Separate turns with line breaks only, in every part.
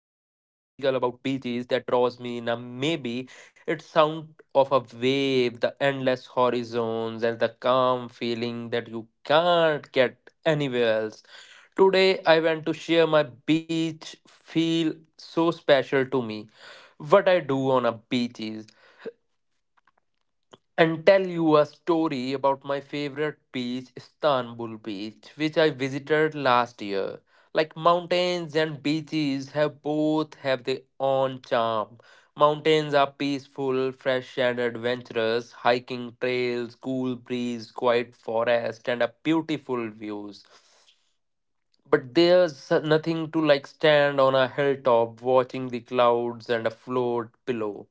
magical about beaches that draws me in. And maybe it's sound of a wave, the endless horizons, and the calm feeling that you can't get anywhere else. Today, I went to share my beach feel so special to me. What I do on a beach is and tell you a story about my favorite beach, Istanbul Beach, which I visited last year. Like mountains and beaches have both have their own charm. Mountains are peaceful, fresh and adventurous, hiking trails, cool breeze, quiet forest and a beautiful views. But there's nothing to like stand on a hilltop watching the clouds and a float below.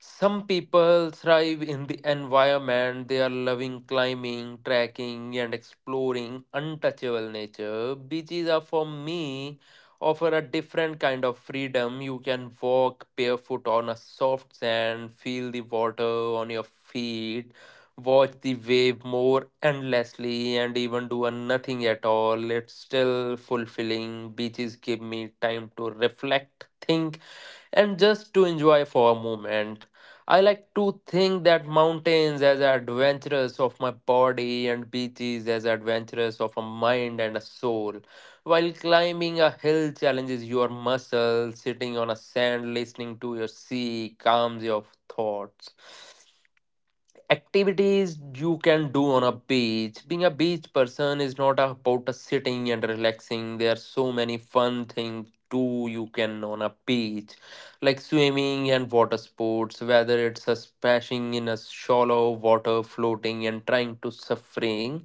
Some people thrive in the environment, they are loving climbing, trekking, and exploring untouchable nature. Beaches are for me offer a different kind of freedom. You can walk barefoot on a soft sand, feel the water on your feet, watch the wave more endlessly, and even do a nothing at all. It's still fulfilling. Beaches give me time to reflect, think, and just to enjoy for a moment. I like to think that mountains as adventurous of my body and beaches as adventurous of a mind and a soul. While climbing a hill challenges your muscles, sitting on a sand listening to your sea calms your thoughts. Activities you can do on a beach. Being a beach person is not about sitting and relaxing. There are so many fun things too you can on a beach, like swimming and water sports. Whether it's a splashing in a shallow water, floating and trying to suffering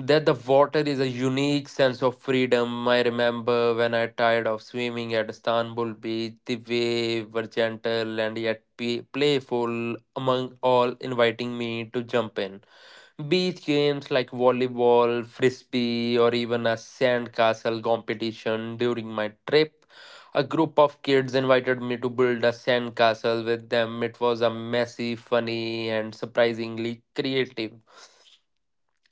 that the water is a unique sense of freedom. I remember when I tired of swimming at Istanbul beach, the waves were gentle and yet playful among all, inviting me to jump in. Beach games like volleyball, frisbee, or even a sandcastle competition during my trip. A group of kids invited me to build a sandcastle with them. It was a messy, funny, and surprisingly creative.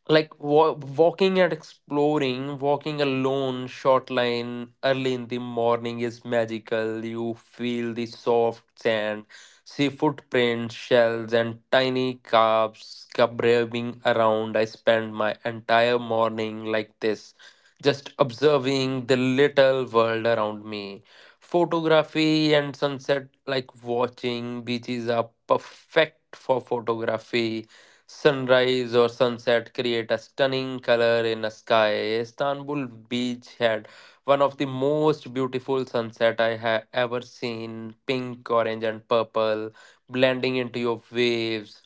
Like walking and exploring, walking alone short line early in the morning is magical. You feel the soft sand, see footprints, shells, and tiny calves scrubbing around. I spend my entire morning like this, just observing the little world around me. Photography and sunset, like watching beaches are perfect for photography. Sunrise or sunset create a stunning color in the sky. Istanbul beach had one of the most beautiful sunset I have ever seen, pink, orange and purple, blending into your waves.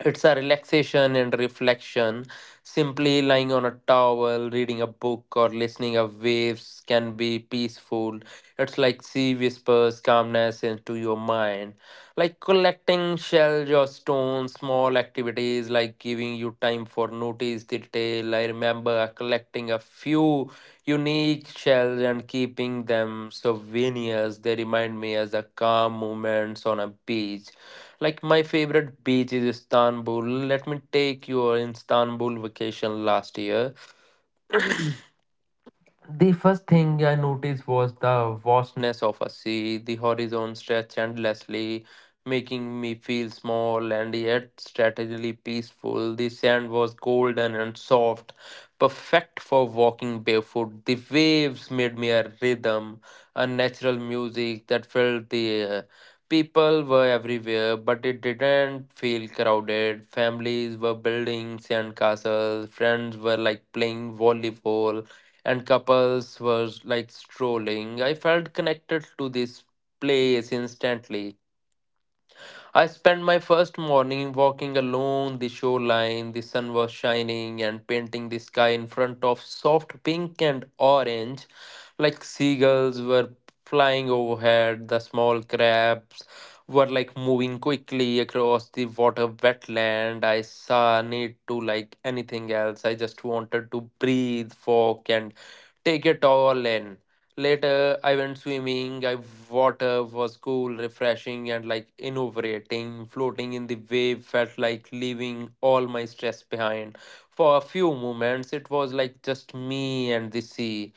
It's a relaxation and reflection, simply lying on a towel reading a book or listening of waves can be peaceful. It's like sea whispers calmness into your mind, like collecting shells or stones. Small activities like giving you time for notice detail. I remember collecting a few unique shells and keeping them souvenirs. They remind me as the calm moments on a beach. Like my favorite beach is Istanbul. Let me take you your Istanbul vacation last year. The first thing I noticed was the vastness of a sea. The horizon stretched endlessly, making me feel small and yet strategically peaceful. The sand was golden and soft, perfect for walking barefoot. The waves made me a rhythm, a natural music that filled the air. People were everywhere, but it didn't feel crowded. Families were building sandcastles, friends were like playing volleyball, and couples were like strolling. I felt connected to this place instantly. I spent my first morning walking along the shoreline. The sun was shining and painting the sky in front of soft pink and orange, like seagulls were flying overhead. The small crabs were like moving quickly across the water wetland. I saw a need to like anything else. I just wanted to breathe, walk, and take it all in. Later, I went swimming. I water was cool, refreshing, and like invigorating. Floating in the wave felt like leaving all my stress behind. For a few moments, it was like just me and the sea.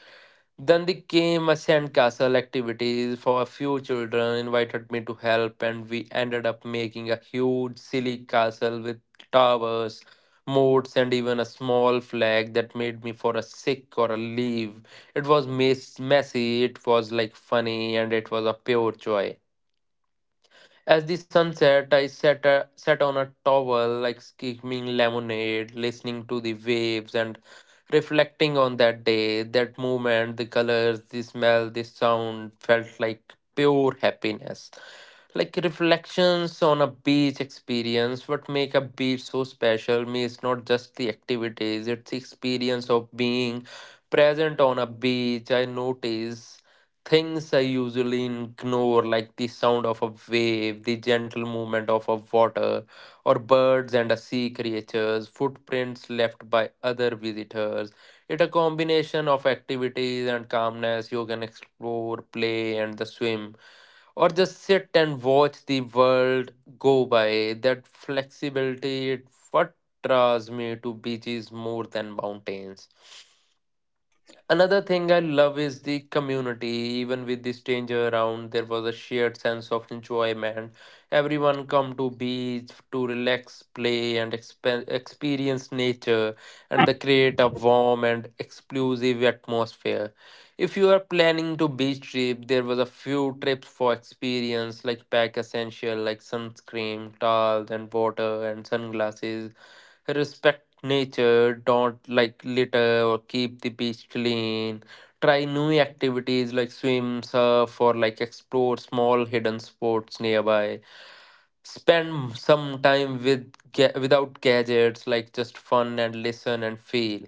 Then they came a sandcastle activities for a few children, invited me to help, and we ended up making a huge, silly castle with towers, moats, and even a small flag that made me for a sick or a leave. It was messy, it was like funny, and it was a pure joy. As the sun set, I sat, sat on a towel, like skimming lemonade, listening to the waves and reflecting on that day, that moment. The colors, the smell, the sound felt like pure happiness. Like reflections on a beach experience. What make a beach so special me is not just the activities, it's the experience of being present on a beach. I notice things I usually ignore, like the sound of a wave, the gentle movement of a water, or birds and a sea creatures, footprints left by other visitors. It' a combination of activities and calmness. You can explore, play, and the swim, or just sit and watch the world go by. That flexibility, it what draws me to beaches more than mountains. Another thing I love is the community. Even with the stranger around, there was a shared sense of enjoyment. Everyone come to beach to relax, play, and experience nature, and they create a warm and exclusive atmosphere. If you are planning to beach trip, there was a few trips for experience, like pack essential like sunscreen, towels and water and sunglasses. Respect nature, don't like litter or keep the beach clean. Try new activities like swim, surf, or like explore small hidden spots nearby. Spend some time with without gadgets, like just fun and listen and feel.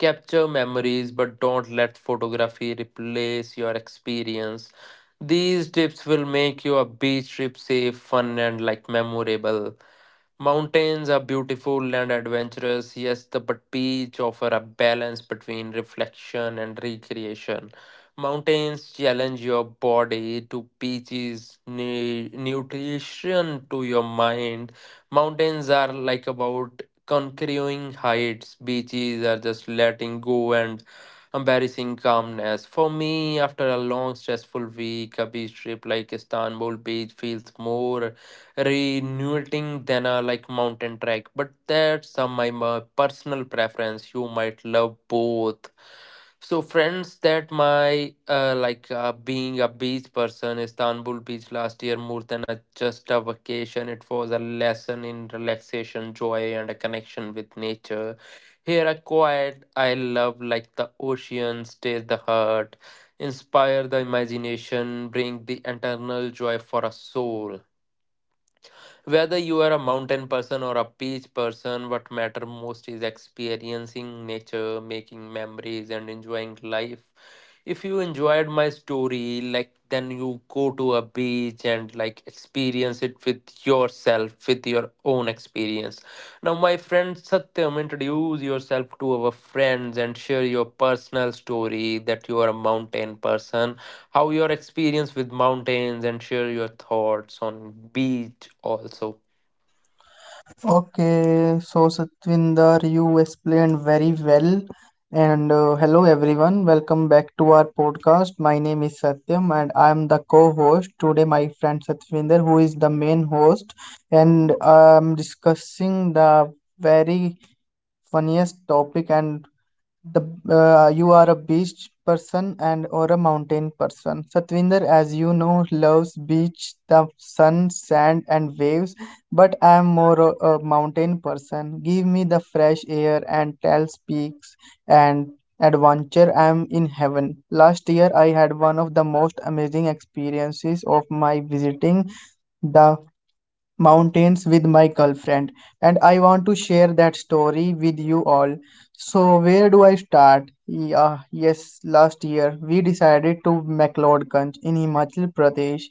Capture memories, but don't let photography replace your experience. These tips will make your beach trip safe, fun, and like memorable. Mountains are beautiful and adventurous, yes, the, but beach offer a balance between reflection and recreation. Mountains challenge your body to beaches, nutrition to your mind. Mountains are like about conquering heights. Beaches are just letting go and embarrassing calmness. For me, after a long, stressful week, a beach trip like Istanbul beach feels more renewing than a like mountain trek. But that's my personal preference. You might love both. So friends, that my being a beach person, Istanbul beach last year more than a just a vacation. It was a lesson in relaxation, joy, and a connection with nature. Here a quiet I love like the ocean, stays the heart, inspire the imagination, bring the eternal joy for a soul. Whether you are a mountain person or a beach person, what matter most is experiencing nature, making memories and enjoying life. If you enjoyed my story, like then you go to a beach and like experience it with yourself, with your own experience. Now, my friend Satyam, introduce yourself to our friends and share your personal story that you are a mountain person, how your experience with mountains, and share your thoughts on beach also.
Okay, so Satvinder, you explained very well. And Hello everyone, welcome back to our podcast. My name is Satyam and I am the co-host. Today my friend Satvinder, who is the main host, and I'm discussing the very funniest topic and the you are a beach person and or a mountain person. Satvinder, as you know, loves beach, the sun, sand, and waves, but I am more a mountain person. Give me the fresh air and tall peaks and adventure, I am in heaven. Last year I had one of the most amazing experiences of my visiting the mountains with my girlfriend, and I want to share that story with you all. So, where do I start? Yeah, yes, last year we decided to McLeodganj in Himachal Pradesh.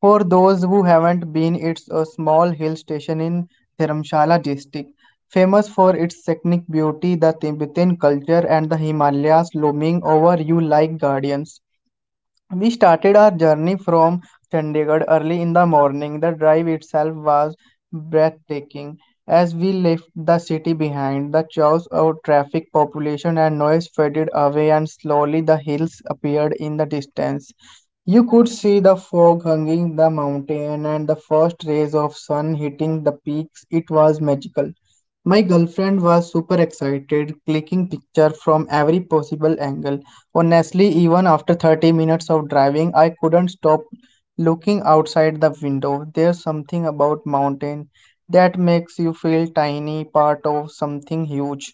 For those who haven't been, it's a small hill station in Dharamshala district, famous for its scenic beauty, the Tibetan culture, and the Himalayas looming over you like guardians. We started our journey from Chandigarh early in the morning. The drive itself was breathtaking. As we left the city behind, the chaos of traffic, population, and noise faded away, and slowly the hills appeared in the distance. You could see the fog hanging the mountain and the first rays of sun hitting the peaks. It was magical. My girlfriend was super excited, clicking picture from every possible angle. Honestly, even after 30 minutes of driving, I couldn't stop looking outside the window. There's something about mountain that makes you feel tiny, part of something huge.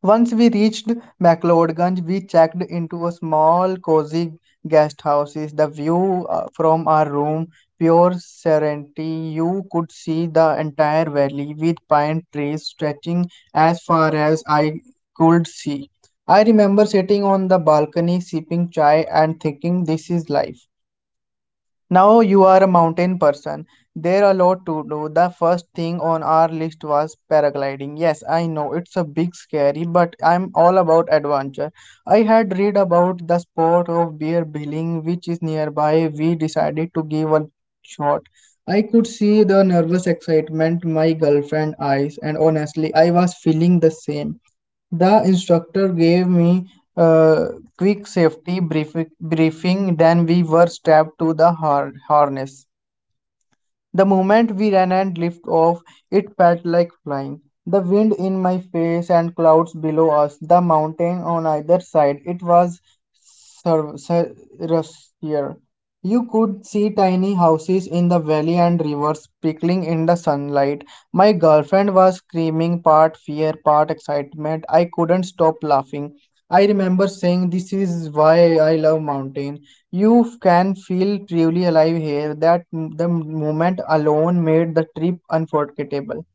Once we reached McLeodganj, we checked into a small, cozy guest house. The view from our room, pure serenity. You could see the entire valley with pine trees stretching as far as I could see. I remember sitting on the balcony, sipping chai, and thinking, this is life. Now you are a mountain person. There are a lot to do. The first thing on our list was paragliding. Yes, I know it's a big scary, but I'm all about adventure. I had read about the sport of bear billing, which is nearby. We decided to give a shot. I could see the nervous excitement my girlfriend eyes, and honestly, I was feeling the same. The instructor gave me a quick safety brief briefing, then we were strapped to the harness. The moment we ran and lifted off, it felt like flying. The wind in my face and clouds below us, the mountain on either side, it was rustier. You could see tiny houses in the valley and rivers sparkling in the sunlight. My girlfriend was screaming, part fear, part excitement. I couldn't stop laughing. I remember saying, "This is why I love mountains. You can feel truly alive here." The moment alone made the trip unforgettable.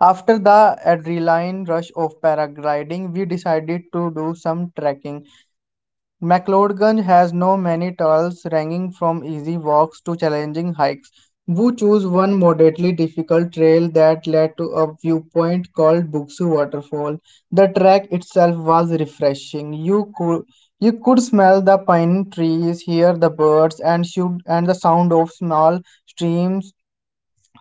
After the adrenaline rush of paragliding, we decided to do some trekking. McLeodgань has no many trails ranging from easy walks to challenging hikes. Wu chose one moderately difficult trail that led to a viewpoint called Buksu Waterfall. The track itself was refreshing. You could smell the pine trees, hear the birds, and shoot and the sound of small streams,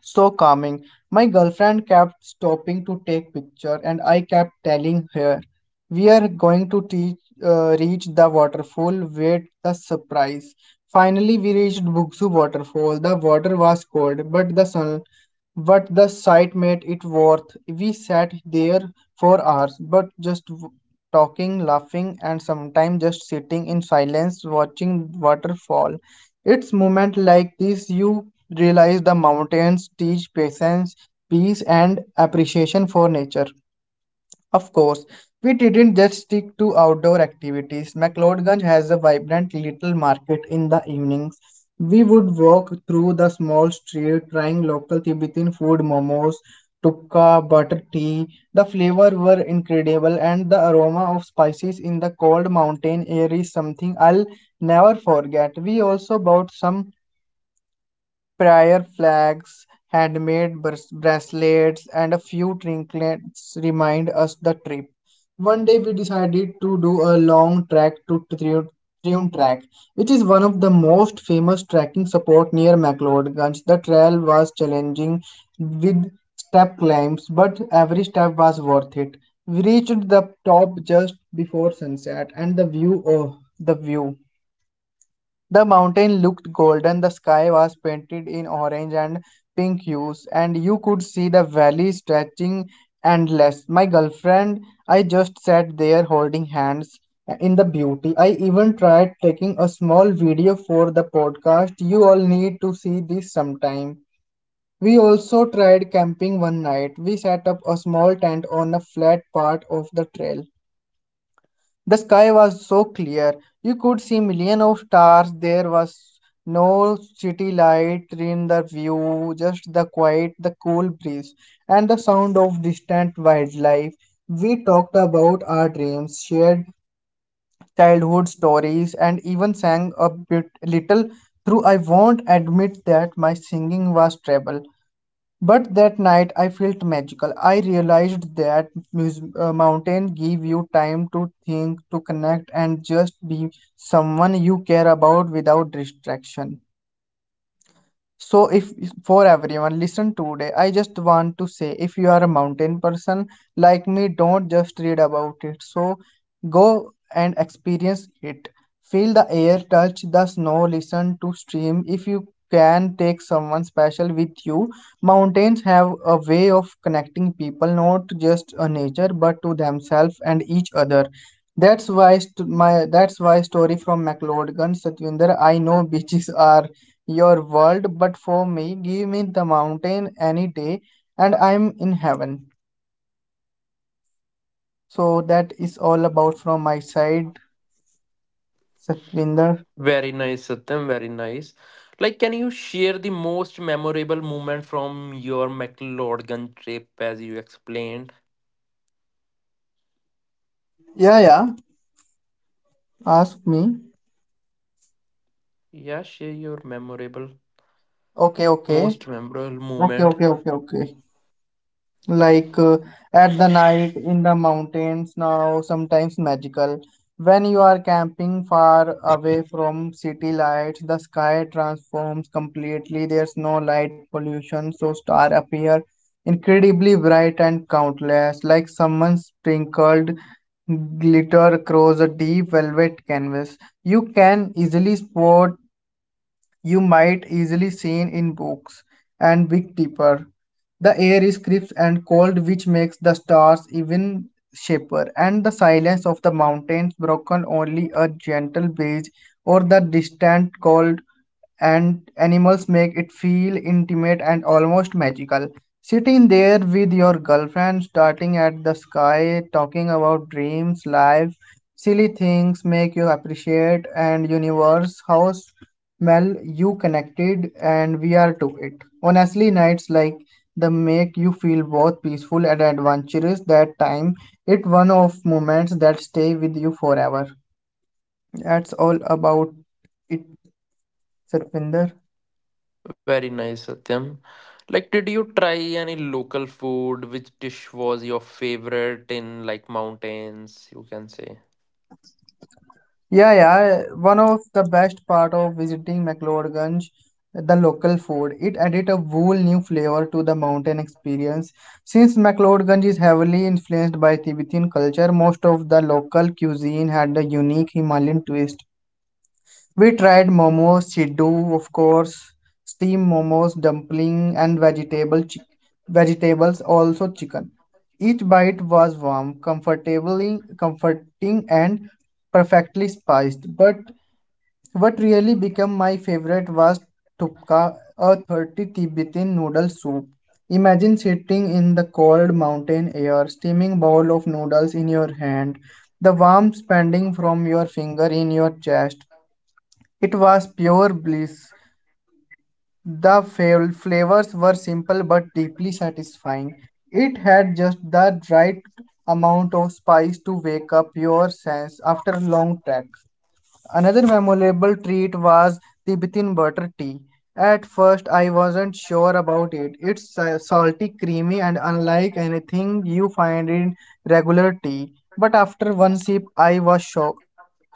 so calming. My girlfriend kept stopping to take picture and I kept telling her, "We are going to reach the waterfall. Wait, the surprise." Finally, we reached Bugsu waterfall. The water was cold, but the sight made it worth. We sat there for hours, but talking, laughing, and sometimes just sitting in silence watching waterfall. It's moments like these you realize the mountains teach patience, peace, and appreciation for nature. Of course, we didn't just stick to outdoor activities. McLeodganj has a vibrant little market in the evenings. We would walk through the small street trying local Tibetan food, momos, tukka, butter tea. The flavor were incredible and the aroma of spices in the cold mountain air is something I'll never forget. We also bought some prayer flags, handmade bracelets, and a few trinkets remind us the trip. One day we decided to do a long trek to Triun Track, which is one of the most famous trekking support near McLeodganj. The trail was challenging with step climbs, but every step was worth it. We reached the top just before sunset, and the view, oh, the view, the mountain looked golden, the sky was painted in orange and pink hues, and you could see the valley stretching endless. My girlfriend, I just sat there holding hands in the beauty. I even tried taking a small video for the podcast. You all need to see this sometime. We also tried camping one night. We set up a small tent on a flat part of the trail. The sky was so clear. You could see millions of stars. There was no city light in the view, just the quiet, the cool breeze, and the sound of distant wildlife. We talked about our dreams, shared childhood stories, and even sang a bit little. Through I won't admit that my singing was treble. But that night I felt magical. I realized that mountain give you time to think, to connect, and just be someone you care about without distraction. So, if for everyone, listen today. I just want to say if you are a mountain person like me, don't just read about it. So, go and experience it. Feel the air, touch the snow, listen to stream. If you can, take someone special with you. Mountains have a way of connecting people not just a nature but to themselves and each other. That's why story from McLeod Gun, Satwinder. I know beaches are your world, but for me, give me the mountain any day, and I'm in heaven. So that is all about from my side, Satvinder.
Very nice, Satyam, very nice. Like, can you share the most memorable moment from your McLeodgan trip as you explained?
Yeah, yeah. Ask me.
Yeah, share your memorable,
Okay, okay.
most memorable
Okay,
moment.
okay, okay, okay. like uh, at the night in the mountains now sometimes magical. When you are camping far away from city lights, the sky transforms completely. There's no light pollution so stars appear incredibly bright and countless, like someone sprinkled glitter across a deep velvet canvas. you can easily spot you might easily seen in books and Big Dipper. The air is crisp and cold, which makes the stars even shaper, and the silence of the mountains broken only a gentle breeze or the distant call and animals make it feel intimate and almost magical. Sitting there with your girlfriend, starting at the sky, talking about dreams, life, silly things make you appreciate and universe how well you connected and we are to it. Honestly, nights like the make you feel both peaceful and adventurous that time, it one of moments that stay with you forever. That's all about it, Sarpinder.
Very nice, Satyam. Like, did you try any local food? Which dish was your favorite in like mountains, you can say?
Yeah, yeah. One of the best part of visiting McLeodganj, the local food. It added a whole new flavor to the mountain experience. Since McLeodganj is heavily influenced by Tibetan culture, most of the local cuisine had a unique Himalayan twist. We tried momos, siddu, of course, steamed momos, dumpling, and vegetables, also chicken. Each bite was warm, comfortably comforting, and perfectly spiced. But what really became my favorite was tupka, a 30 Tibetan noodle soup. Imagine sitting in the cold mountain air, steaming bowl of noodles in your hand, the warmth spreading from your finger in your chest, it was pure bliss. The flavors were simple but deeply satisfying. It had just the right amount of spice to wake up your sense after a long trek. Another memorable treat was Tibetan butter tea. At first, I wasn't sure about it. It's salty, creamy, and unlike anything you find in regular tea. But after one sip, I was shocked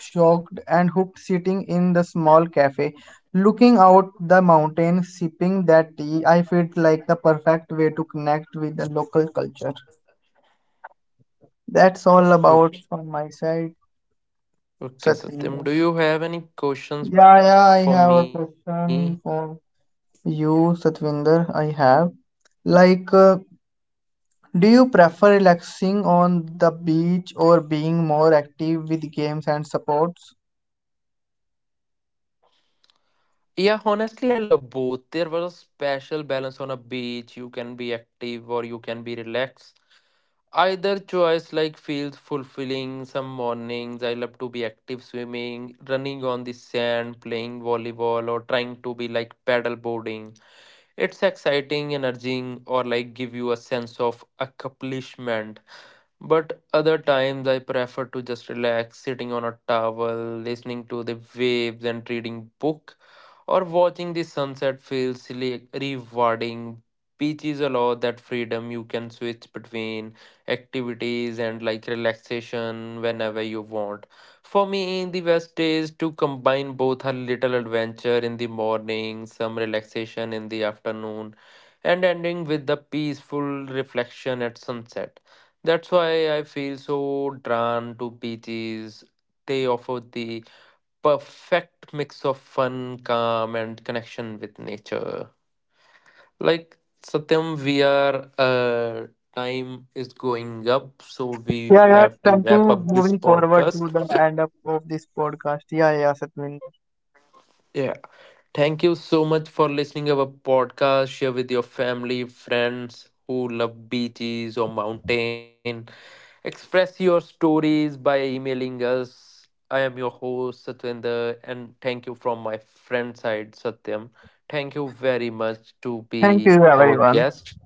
shocked and hooked. Sitting in the small cafe, looking out the mountain, sipping that tea, I felt like the perfect way to connect with the local culture. That's all about from my side,
Okay,
Satvinder.
okay, Satyam. Do
Yeah,
you
yeah, I
have any
have a
questions for
question
me?
for you, Satvinder. I have. Like, uh, do you prefer relaxing on the beach or being more active with games and sports?
Yeah, honestly, I love both. There was a special balance on a beach. You can be active or you can be relaxed. Either choice like feels fulfilling. Some mornings I love to be active swimming, running on the sand, playing volleyball, or trying to be like paddle boarding. It's exciting, energizing, or like give you a sense of accomplishment. But other times I prefer to just relax, sitting on a towel, listening to the waves and reading book, or watching the sunset feels really rewarding. Beaches allow that freedom. You can switch between activities and like relaxation whenever you want. For me, the best is to combine both, a little adventure in the morning, some relaxation in the afternoon, and ending with the peaceful reflection at sunset. That's why I feel so drawn to beaches. They offer the perfect mix of fun, calm, and connection with nature. Like Satyam, we are time is going up, so we
Yeah, yeah, it's
have to
time
wrap
to
up this
moving forward to
podcast.
the end up of this podcast. Yeah, yeah, Satvinder.
Yeah. Thank you so much for listening our podcast. Share with your family, friends who love beaches or mountain. Express your stories by emailing us. I am your host Satwinder and thank you from my friend side Satyam. Thank you very much to
Thank you,
be our
everyone.
guest.